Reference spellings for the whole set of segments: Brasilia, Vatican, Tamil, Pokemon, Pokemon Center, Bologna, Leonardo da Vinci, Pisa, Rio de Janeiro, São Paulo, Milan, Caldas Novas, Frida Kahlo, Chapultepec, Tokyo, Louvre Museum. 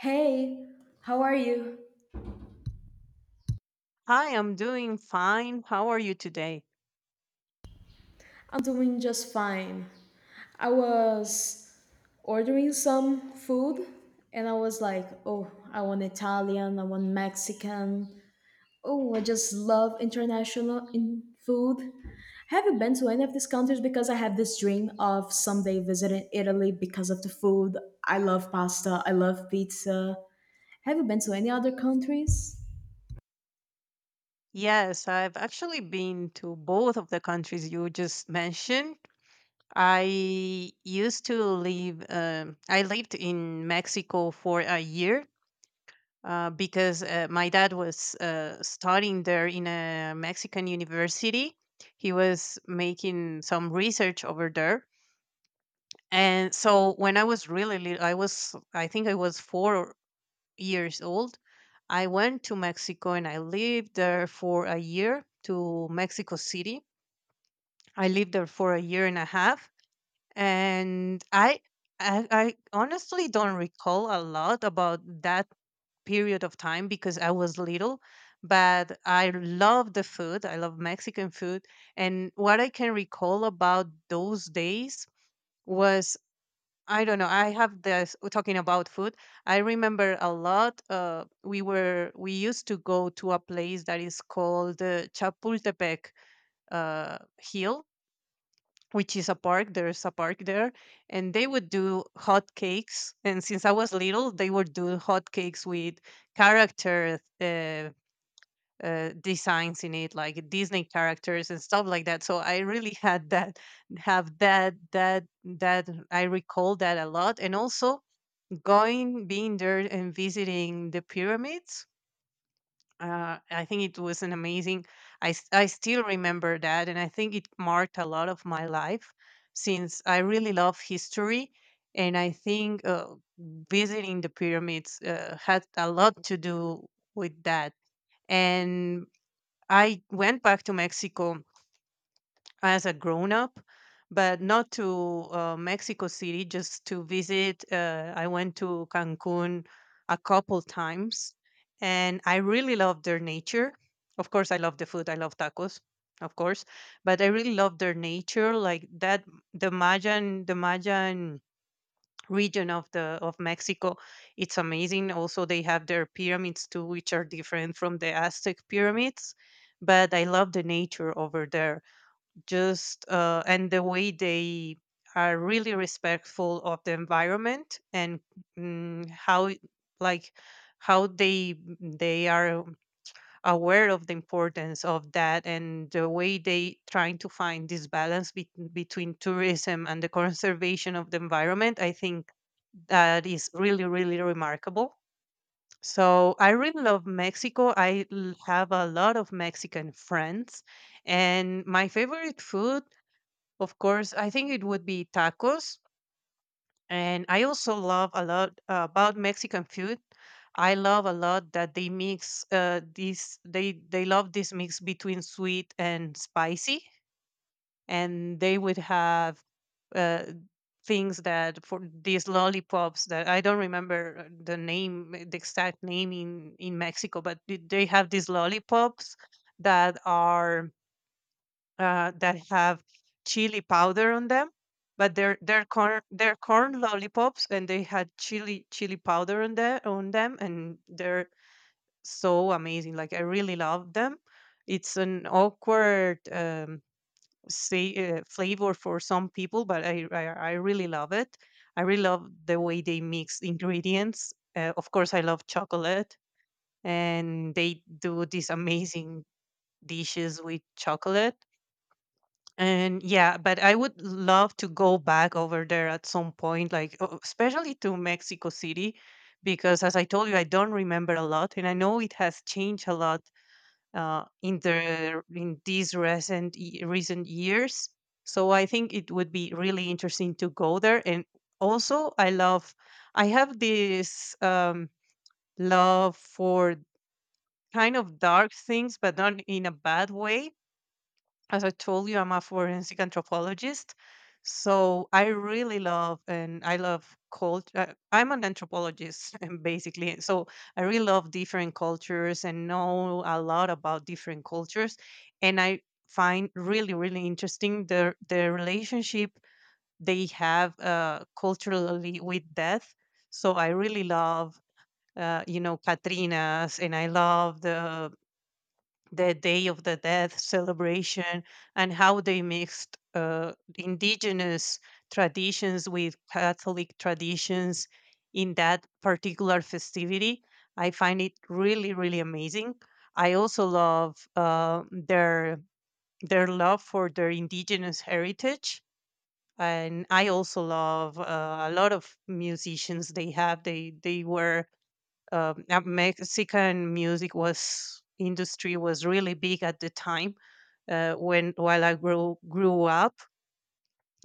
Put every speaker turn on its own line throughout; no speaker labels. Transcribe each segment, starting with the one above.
Hey, how are you?
Hi, I'm doing fine. How are you today?
I'm doing just fine. I was ordering some food and I was like, oh, I want Italian, I want Mexican. Oh, I just love international in food. I haven't been to any of these countries because I have this dream of someday visiting Italy because of the food. I love pasta, I love pizza. Have you been to any other countries?
Yes, I've actually been to both of the countries you just mentioned. I I lived in Mexico for a year because my dad was studying there in a Mexican university. He was making some research over there. And so when I was really little, I think I was 4 years old. I went to Mexico and I lived there for a year to Mexico City. I lived there for a year and a half, and I honestly don't recall a lot about that period of time because I was little, but I love the food. I love Mexican food. And what I can recall about those days was, I don't know. I have this, talking about food. I remember a lot. We were we used to go to a place that is called Chapultepec Hill, which is a park. There's a park there, and they would do hot cakes. And since I was little, they would do hot cakes with character designs in it, like Disney characters and stuff like that. So I really had that have that that that I recall that a lot, and also going being there and visiting the pyramids. I think it was an amazing, I still remember that, and I think it marked a lot of my life since I really love history. And I think visiting the pyramids had a lot to do with that. And I went back to Mexico as a grown up, but not to Mexico City, just to visit. I went to Cancun a couple times, and I really love their nature. Of course, I love the food, I love tacos. Of course, but I really love their nature, like that. The Mayan region of Mexico, it's amazing. Also, they have their pyramids too, which are different from the Aztec pyramids. But I love the nature over there, just, and the way they are really respectful of the environment, and mm, how it- like how they are aware of the importance of that, and the way they trying to find this balance between tourism and the conservation of the environment. I think that is really, really remarkable. So I really love Mexico. I have a lot of Mexican friends, and my favorite food, of course, I think it would be tacos. And I also love a lot about Mexican food. I love a lot that they mix this. They love this mix between sweet and spicy, and they would have uh, things that for these lollipops that I don't remember the name, the exact name in Mexico. But they have these lollipops that are, that have chili powder on them, but they're corn lollipops, and they had chili powder on them, and they're so amazing. Like I really love them. It's an awkward, flavor for some people, but I really love it. I really love the way they mix ingredients. Of course, I love chocolate, and they do these amazing dishes with chocolate, and yeah, but I would love to go back over there at some point, like, especially to Mexico City, because as I told you, I don't remember a lot, and I know it has changed a lot in these recent years. So I think it would be really interesting to go there. And also, I have this love for kind of dark things, but not in a bad way. As I told you, I'm a forensic anthropologist. So I really love, and I love culture. I'm an anthropologist, and basically. So I really love different cultures and know a lot about different cultures. And I find really, really interesting the relationship they have culturally with death. So I really love, Katrina's, and I love the Day of the Dead celebration, and how they mixed indigenous traditions with Catholic traditions in that particular festivity. I find it really, really amazing. I also love their love for their indigenous heritage, and I also love a lot of musicians they have. They were Mexican music was, industry was really big at the time, when while I grew up.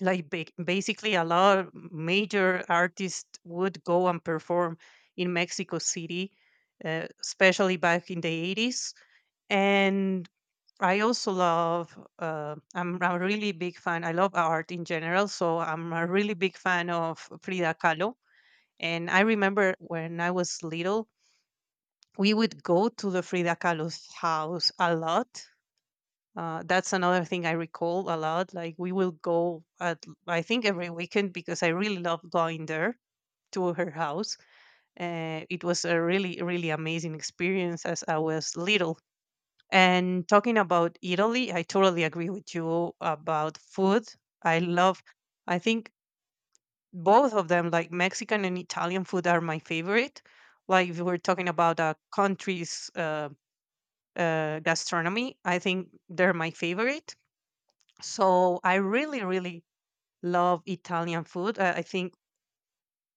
Like basically, a lot of major artists would go and perform in Mexico City, especially back in the 80s. And I also love. I'm a really big fan. I love art in general, so I'm a really big fan of Frida Kahlo. And I remember when I was little, we would go to the Frida Kahlo's house a lot. That's another thing I recall a lot. Like we will go at I think every weekend because I really loved going there to her house. It was a really, really amazing experience as I was little. And talking about Italy, I totally agree with you about food. I love. I think both of them, like Mexican and Italian food, are my favorite. Like if we're talking about a country's, gastronomy, I think they're my favorite. So I really, really love Italian food. I think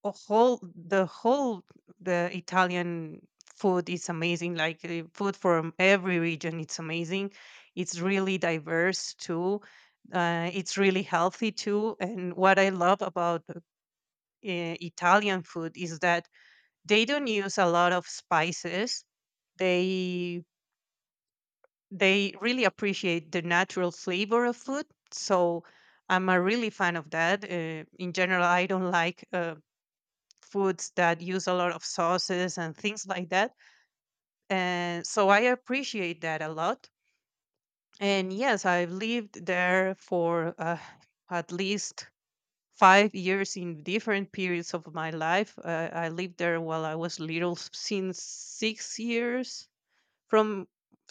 a whole the Italian food is amazing. Like the food from every region, it's amazing. It's really diverse too. It's really healthy too. And what I love about Italian food is that they don't use a lot of spices. They they really appreciate the natural flavor of food. So I'm a really fan of that. In general, I don't like foods that use a lot of sauces and things like that. And so I appreciate that a lot. And yes, I've lived there for at least 5 years in different periods of my life. I lived there while I was little, since 6 years, from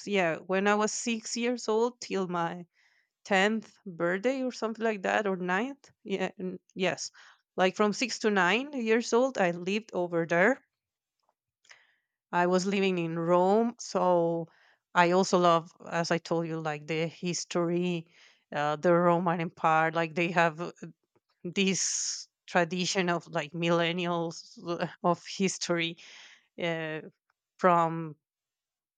yeah, when I was 6 years old till my 10th birthday or something like that, or ninth. Yeah, yes, like from 6 to 9 years old, I lived over there. I was living in Rome, so I also love, as I told you, like, the history, the Roman Empire. Like, they have, this tradition of, like, millennials of history, uh, from,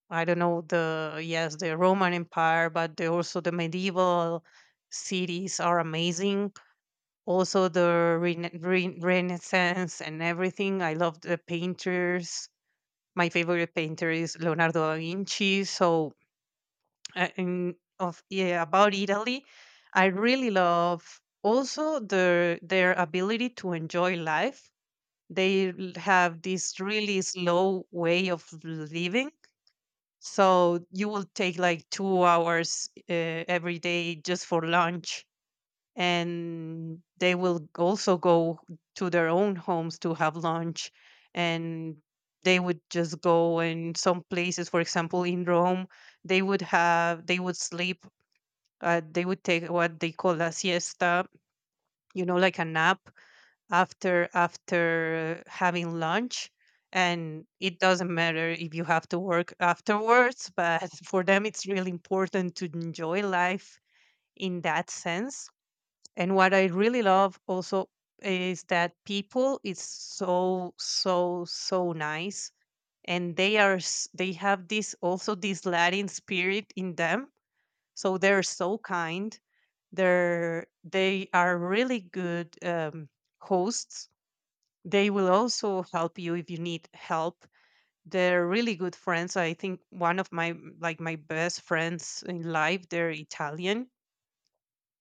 I don't know, the yes, the Roman Empire. But also the medieval cities are amazing. Also, the Renaissance and everything. I love the painters. My favorite painter is Leonardo da Vinci. So, in, of yeah, about Italy, I really love also their ability to enjoy life. They have this really slow way of living. So you will take like 2 hours every day just for lunch, and they will also go to their own homes to have lunch. And they would just go, in some places, for example, in Rome, they would sleep. They would take what they call a siesta, like a nap, after having lunch. And it doesn't matter if you have to work afterwards, but for them it's really important to enjoy life in that sense. And what I really love also is that people is so, so, so nice, and they have this, also this Latin spirit in them. So they're so kind. They are really good, hosts. They will also help you if you need help. They're really good friends. I think one of my, like, my best friends in life. They're Italian,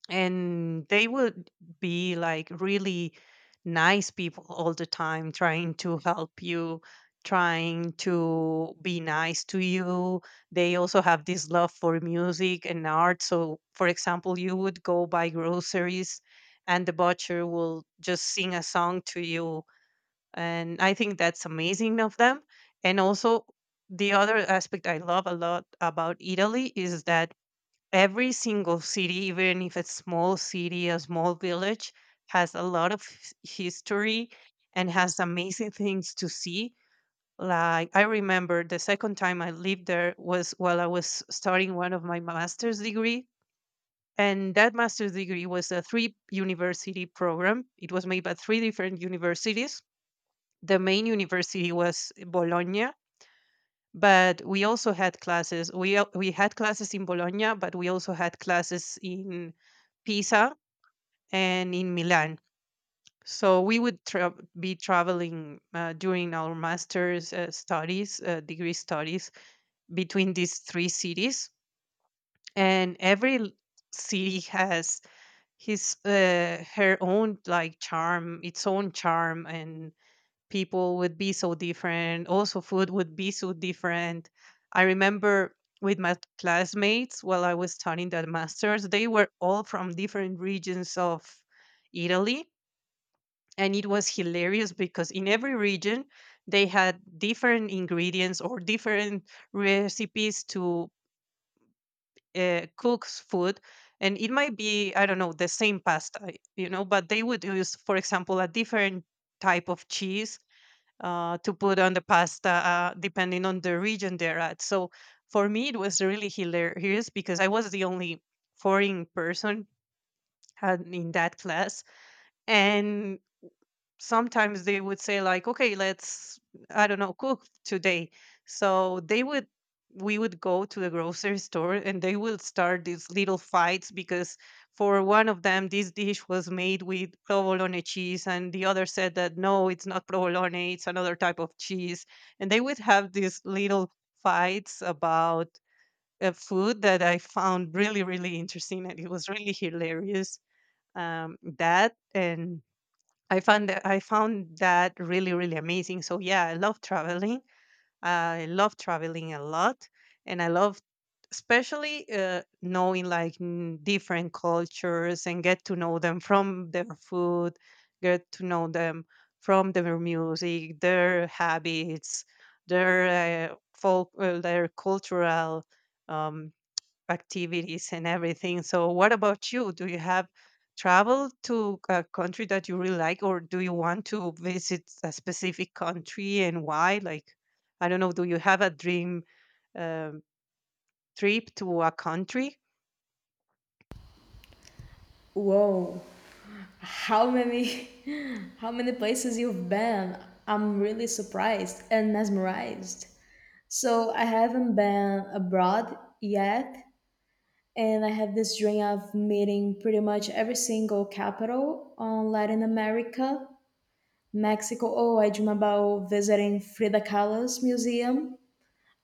and they would be like really nice people all the time, trying to help you, trying to be nice to you. They also have this love for music and art. So for example, you would go buy groceries, and the butcher will just sing a song to you. And I think that's amazing of them. And also, the other aspect I love a lot about Italy is that every single city, even if it's small city, a small village, has a lot of history, and has amazing things to see. Like I remember the second time I lived there was while I was starting one of my master's degree. And that master's degree was a three university program. It was made by three different universities. The main university was Bologna, but we also had classes. We had classes in Bologna, but we also had classes in Pisa and in Milan. So we would be traveling during our master's, degree studies, between these three cities. And every city has his her own, like, charm, its own charm, and people would be so different. Also, food would be so different. I remember with my classmates while I was studying that master's, they were all from different regions of Italy. And it was hilarious because in every region, they had different ingredients or different recipes to cook food. And it might be, I don't know, the same pasta, you know, but they would use, for example, a different type of cheese to put on the pasta, depending on the region they're at. So for me, it was really hilarious because I was the only foreign person in that class, and sometimes they would say like, okay, let's, I don't know, cook today. So they would we would go to the grocery store, and they will start these little fights because for one of them this dish was made with provolone cheese, and the other said that no, it's not provolone, it's another type of cheese. And they would have these little fights about food that I found really, really interesting, and it was really hilarious. That and I found that really, really amazing. So yeah, I love traveling. I love traveling a lot, and I love especially knowing like different cultures and get to know them from their food, get to know them from their music, their habits, their folk, their cultural um, activities and everything. So, what about you? Do you have traveled to a country that you really like, or do you want to visit a specific country and why? Like, I don't know, do you have a dream um, trip to a country?
Whoa, how many how many places you've been. I'm really surprised and mesmerized. So I haven't been abroad yet, and I have this dream of meeting pretty much every single capital on Latin America. Mexico, oh, I dream about visiting Frida Kahlo's museum.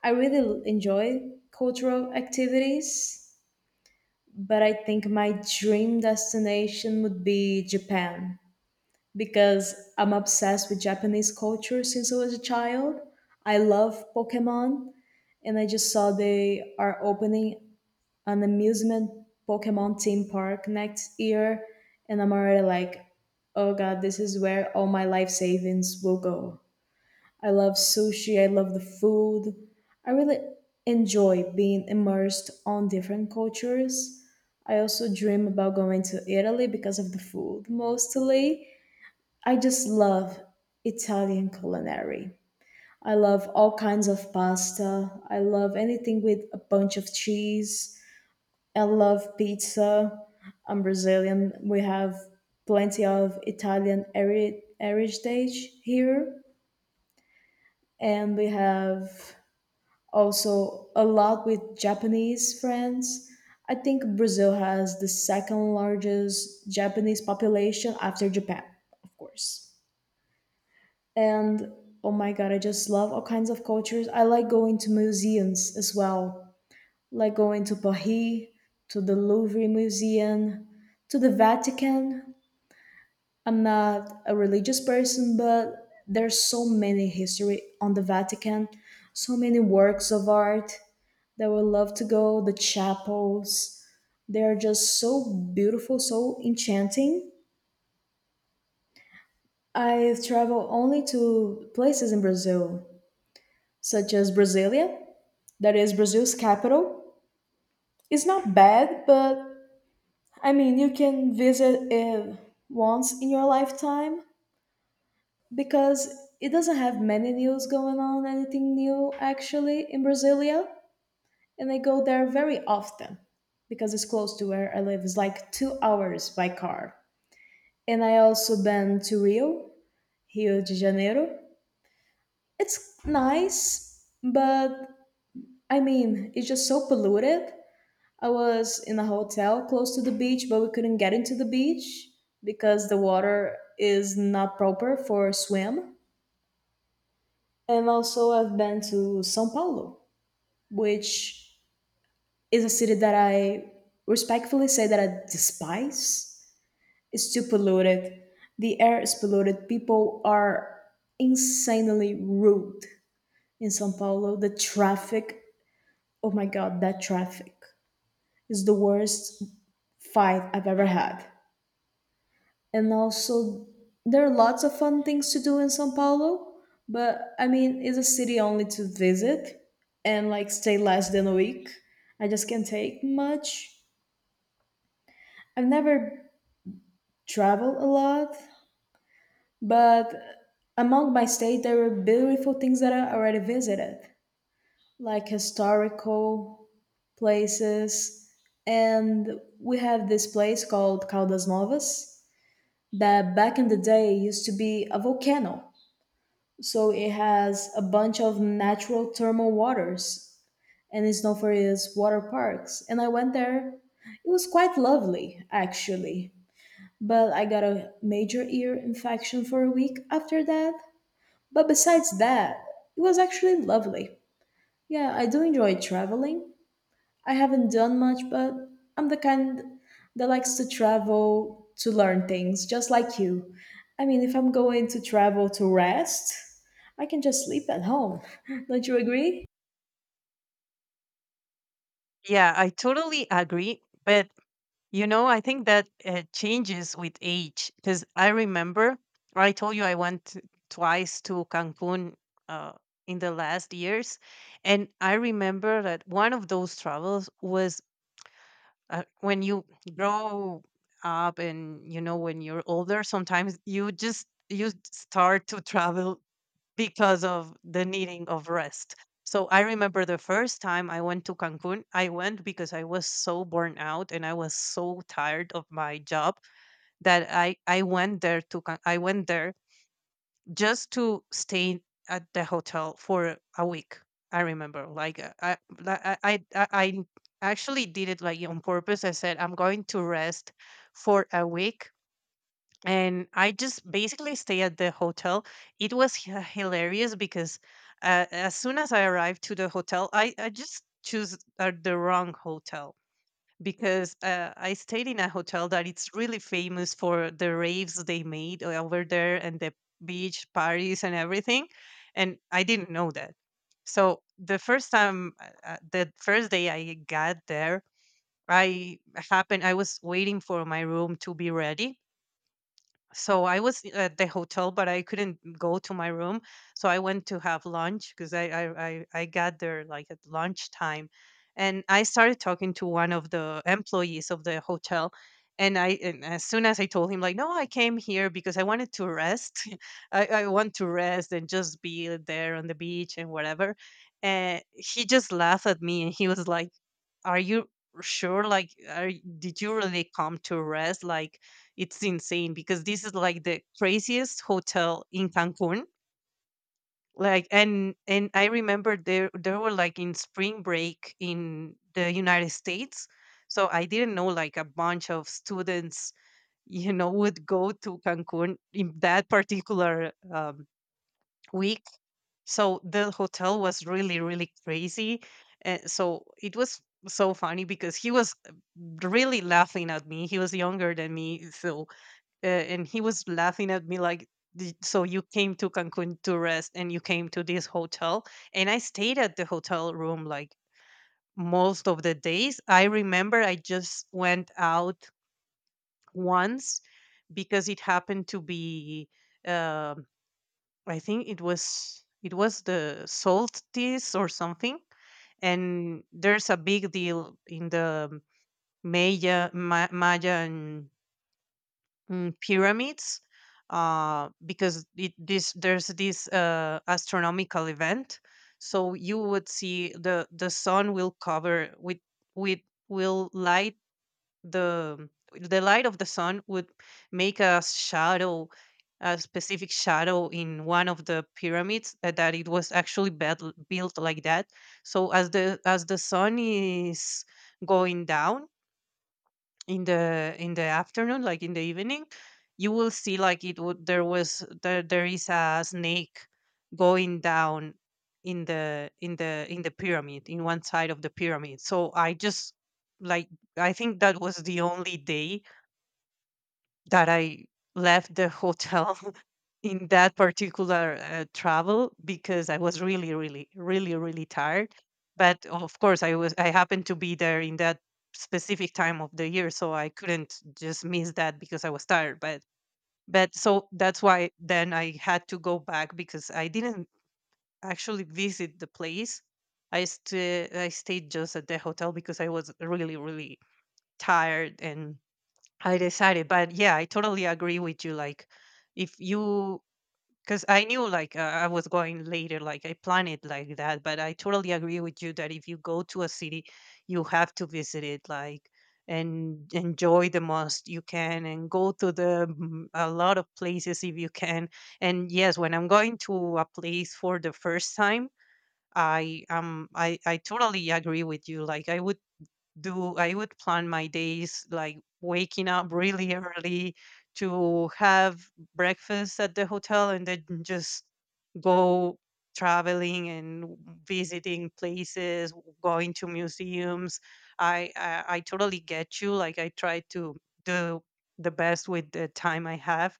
I really enjoy cultural activities, but I think my dream destination would be Japan because I'm obsessed with Japanese culture since I was a child. I love Pokemon, and I just saw they are opening an amusement Pokemon theme park next year, and I'm already like, oh god, this is where all my life savings will go. I love sushi, I love the food. I really enjoy being immersed on different cultures. I also dream about going to Italy because of the food mostly. I just love Italian culinary. I love all kinds of pasta. I love anything with a bunch of cheese. I love pizza. I'm Brazilian. We have plenty of heritage here. And we have also a lot with Japanese friends. I think Brazil has the second largest Japanese population after Japan, of course. And oh my god, I just love all kinds of cultures. I like going to museums as well, like going to Paris, to the Louvre Museum, to the Vatican. I'm not a religious person, but there's so many history on the Vatican, so many works of art that would love to go, the chapels. They are just so beautiful, so enchanting. I've traveled only to places in Brazil, such as Brasilia, that is Brazil's capital. Is not bad, but I mean, you can visit it once in your lifetime because it doesn't have many news going on, anything new actually in Brasilia. And I go there very often because it's close to where I live. It's like 2 hours by car. And I also been to Rio, Rio de Janeiro. It's nice, but I mean, it's just so polluted. I was in a hotel close to the beach, but we couldn't get into the beach because the water is not proper for a swim. And also, I've been to Sao Paulo, which is a city that I respectfully say that I despise. It's too polluted. The air is polluted. People are insanely rude in Sao Paulo. The traffic, oh my god, that traffic is the worst fight I've ever had. And also there are lots of fun things to do in São Paulo, but I mean, it's a city only to visit and like stay less than a week. I just can't take much. I've never traveled a lot, but among my state, there are beautiful things that I already visited, like historical places. And we have this place called Caldas Novas that back in the day used to be a volcano. So it has a bunch of natural thermal waters, and it's known for its water parks. And I went there. It was quite lovely, actually. But I got a major ear infection for a week after that. But besides that, it was actually lovely. Yeah, I do enjoy traveling. I haven't done much, but I'm the kind that likes to travel to learn things, just like you. I mean, if I'm going to travel to rest, I can just sleep at home. Don't you agree?
Yeah, I totally agree. But I think that changes with age because I remember I told you I went twice to Cancun uh, in the last years. And I remember that one of those travels was when you grow up and, you know, when you're older, sometimes you start to travel because of the needing of rest. So I remember the first time I went to Cancun, I went because I was so burnt out and I was so tired of my job that I went there to I went there just to stay at the hotel for a week. I remember like, I like, I actually did it like on purpose. I said I'm going to rest for a week, and I just basically stay at the hotel. It was hilarious because as soon as I arrived to the hotel, I just choose the wrong hotel because I stayed in a hotel that it's really famous for the raves they made over there and the beach parties and everything, and I didn't know that. So the first time, the first day I got there, I I was waiting for my room to be ready, so I was at the hotel, but I couldn't go to my room. So I went to have lunch because I got there like at lunchtime, and I started talking to one of the employees of the hotel. And as soon as I told him like, no, I came here because I wanted to rest. I want to rest and just be there on the beach and whatever. And he just laughed at me and he was like, "Are you sure? Like, are, did you really come to rest? Like." It's insane because this is like the craziest hotel in Cancun. Like and I remember there were like in spring break in the United States. So I didn't know like a bunch of students, you know, would go to Cancun in that particular week. So the hotel was really, really crazy. And so it was so funny because he was really laughing at me. He was younger than me, so and he was laughing at me like, So you came to Cancun to rest and you came to this hotel?" And I stayed at the hotel room like most of the days. I remember I just went out once because it happened to be, um I think it was, it was the solstice or something, and there's a big deal in the Maya pyramids because it, this there's this astronomical event. So you would see the sun will cover with will light the light of the sun would make a shadow, a specific shadow in one of the pyramids that it was actually built, like that. So as the sun is going down in the, afternoon, like in the evening, you will see, like, it would there was there there is a snake going down in the, pyramid, in one side of the pyramid. So I just like, I think that was the only day that I left the hotel in that particular travel because I was really, really, really, really tired. But of course, I happened to be there in that specific time of the year, so I couldn't just miss that because I was tired. But so that's why then I had to go back because I didn't actually visit the place. I I stayed just at the hotel because I was really, really tired, and I decided, but yeah, I totally agree with you. Like, if you, because I knew like, I was going later, like I planned it like that, but I totally agree with you that if you go to a city, you have to visit it, like, and enjoy the most you can, and go to the a lot of places if you can. And yes, when I'm going to a place for the first time, I totally agree with you. Like, I would do I would plan my days like waking up really early to have breakfast at the hotel and then just go traveling and visiting places, going to museums. I totally get you. Like, I try to do the best with the time I have,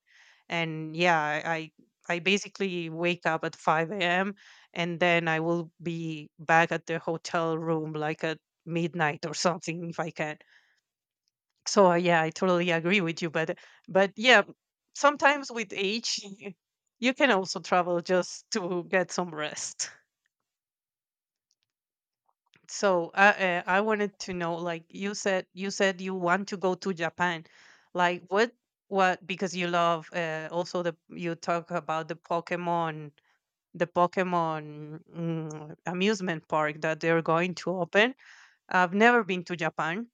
and yeah, I basically wake up at 5 a.m. and then I will be back at the hotel room like at midnight or something if I can. So yeah, I totally agree with you. But yeah, sometimes with age, you can also travel just to get some rest. So I, I wanted to know, like you said, you want to go to Japan. Like, what, because you love also the you talk about the Pokemon, the Pokemon amusement park that they're going to open. I've never been to Japan.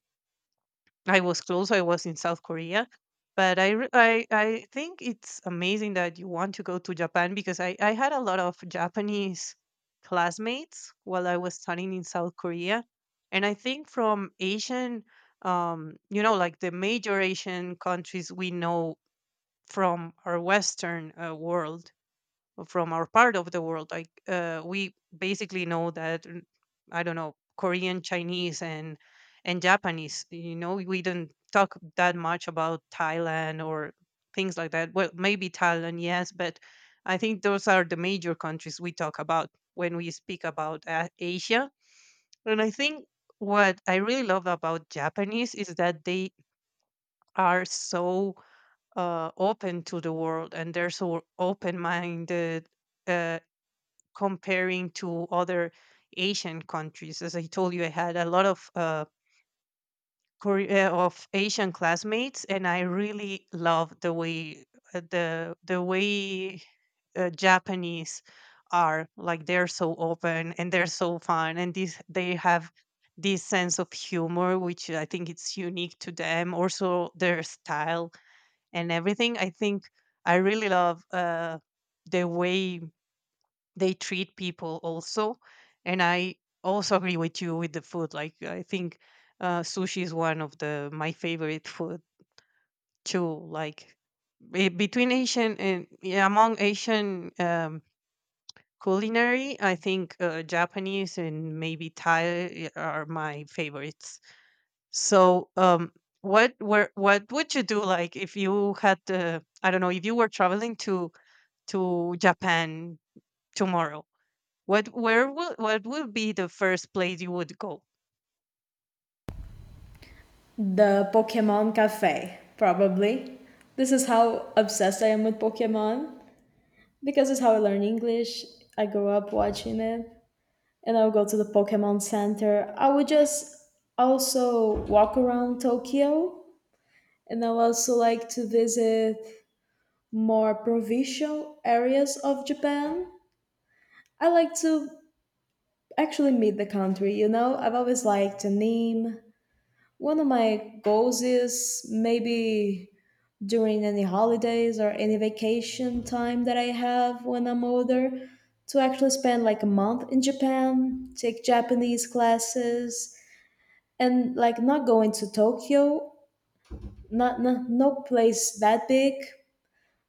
I was close. I was in South Korea, but I I think it's amazing that you want to go to Japan because I had a lot of Japanese classmates while I was studying in South Korea, and I think from Asian, you know, like the major Asian countries we know from our Western world, from our part of the world. Like, we basically know that, I don't know, Korean, Chinese, and Japanese. You know, we don't talk that much about Thailand or things like that. Well, maybe Thailand, yes, but I think those are the major countries we talk about when we speak about Asia. And I think what I really love about Japanese is that they are so open to the world and they're so open minded, uh, comparing to other Asian countries. As I told you, I had a lot of, of Asian classmates, and I really love the way, uh, the the way Japanese are, like, they're so open and they're so fun, and this they have this sense of humor, which I think it's unique to them. Also, their style and everything. I think I really love the way they treat people also. And I also agree with you with the food. Like, I think sushi is one of the my favorite food too, like, between Asian and, yeah, among Asian culinary, I think Japanese and maybe Thai are my favorites. So what would you do, like, if you had, I don't know, if you were traveling to Japan tomorrow, what where will what would be the first place you would go?
The Pokemon Cafe, probably. This is how obsessed I am with Pokemon because it's how I learn English. I grew up watching it, and I would go to the Pokemon Center. I would just also walk around Tokyo, and I would also like to visit more provincial areas of Japan. I like to actually meet the country, you know? I've always liked a name. One of my goals is maybe during any holidays or any vacation time that I have when I'm older to actually spend like a month in Japan, take Japanese classes, and like not going to Tokyo, not, no no place that big,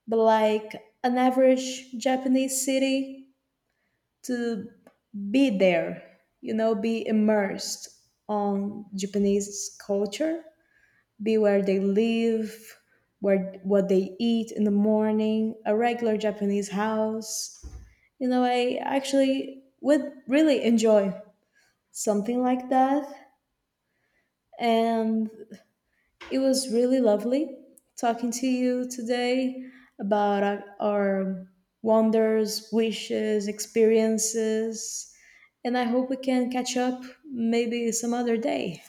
but like an average Japanese city to be there, you know, be immersed on Japanese culture, be where they live, where what they eat in the morning, a regular Japanese house. You know, I actually would really enjoy something like that. And it was really lovely talking to you today about our wonders, wishes, experiences, and I hope we can catch up maybe some other day.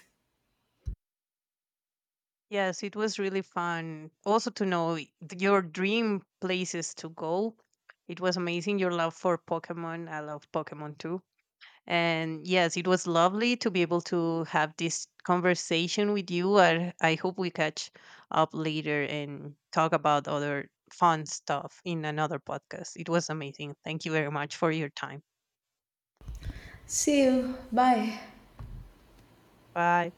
Yes, it was really fun. Also to know your dream places to go. It was amazing, your love for Pokemon. I love Pokemon too. And yes, it was lovely to be able to have this conversation with you. I hope we catch up later and talk about other fun stuff in another podcast. It was amazing. Thank you very much for your time.
See you. Bye.
Bye.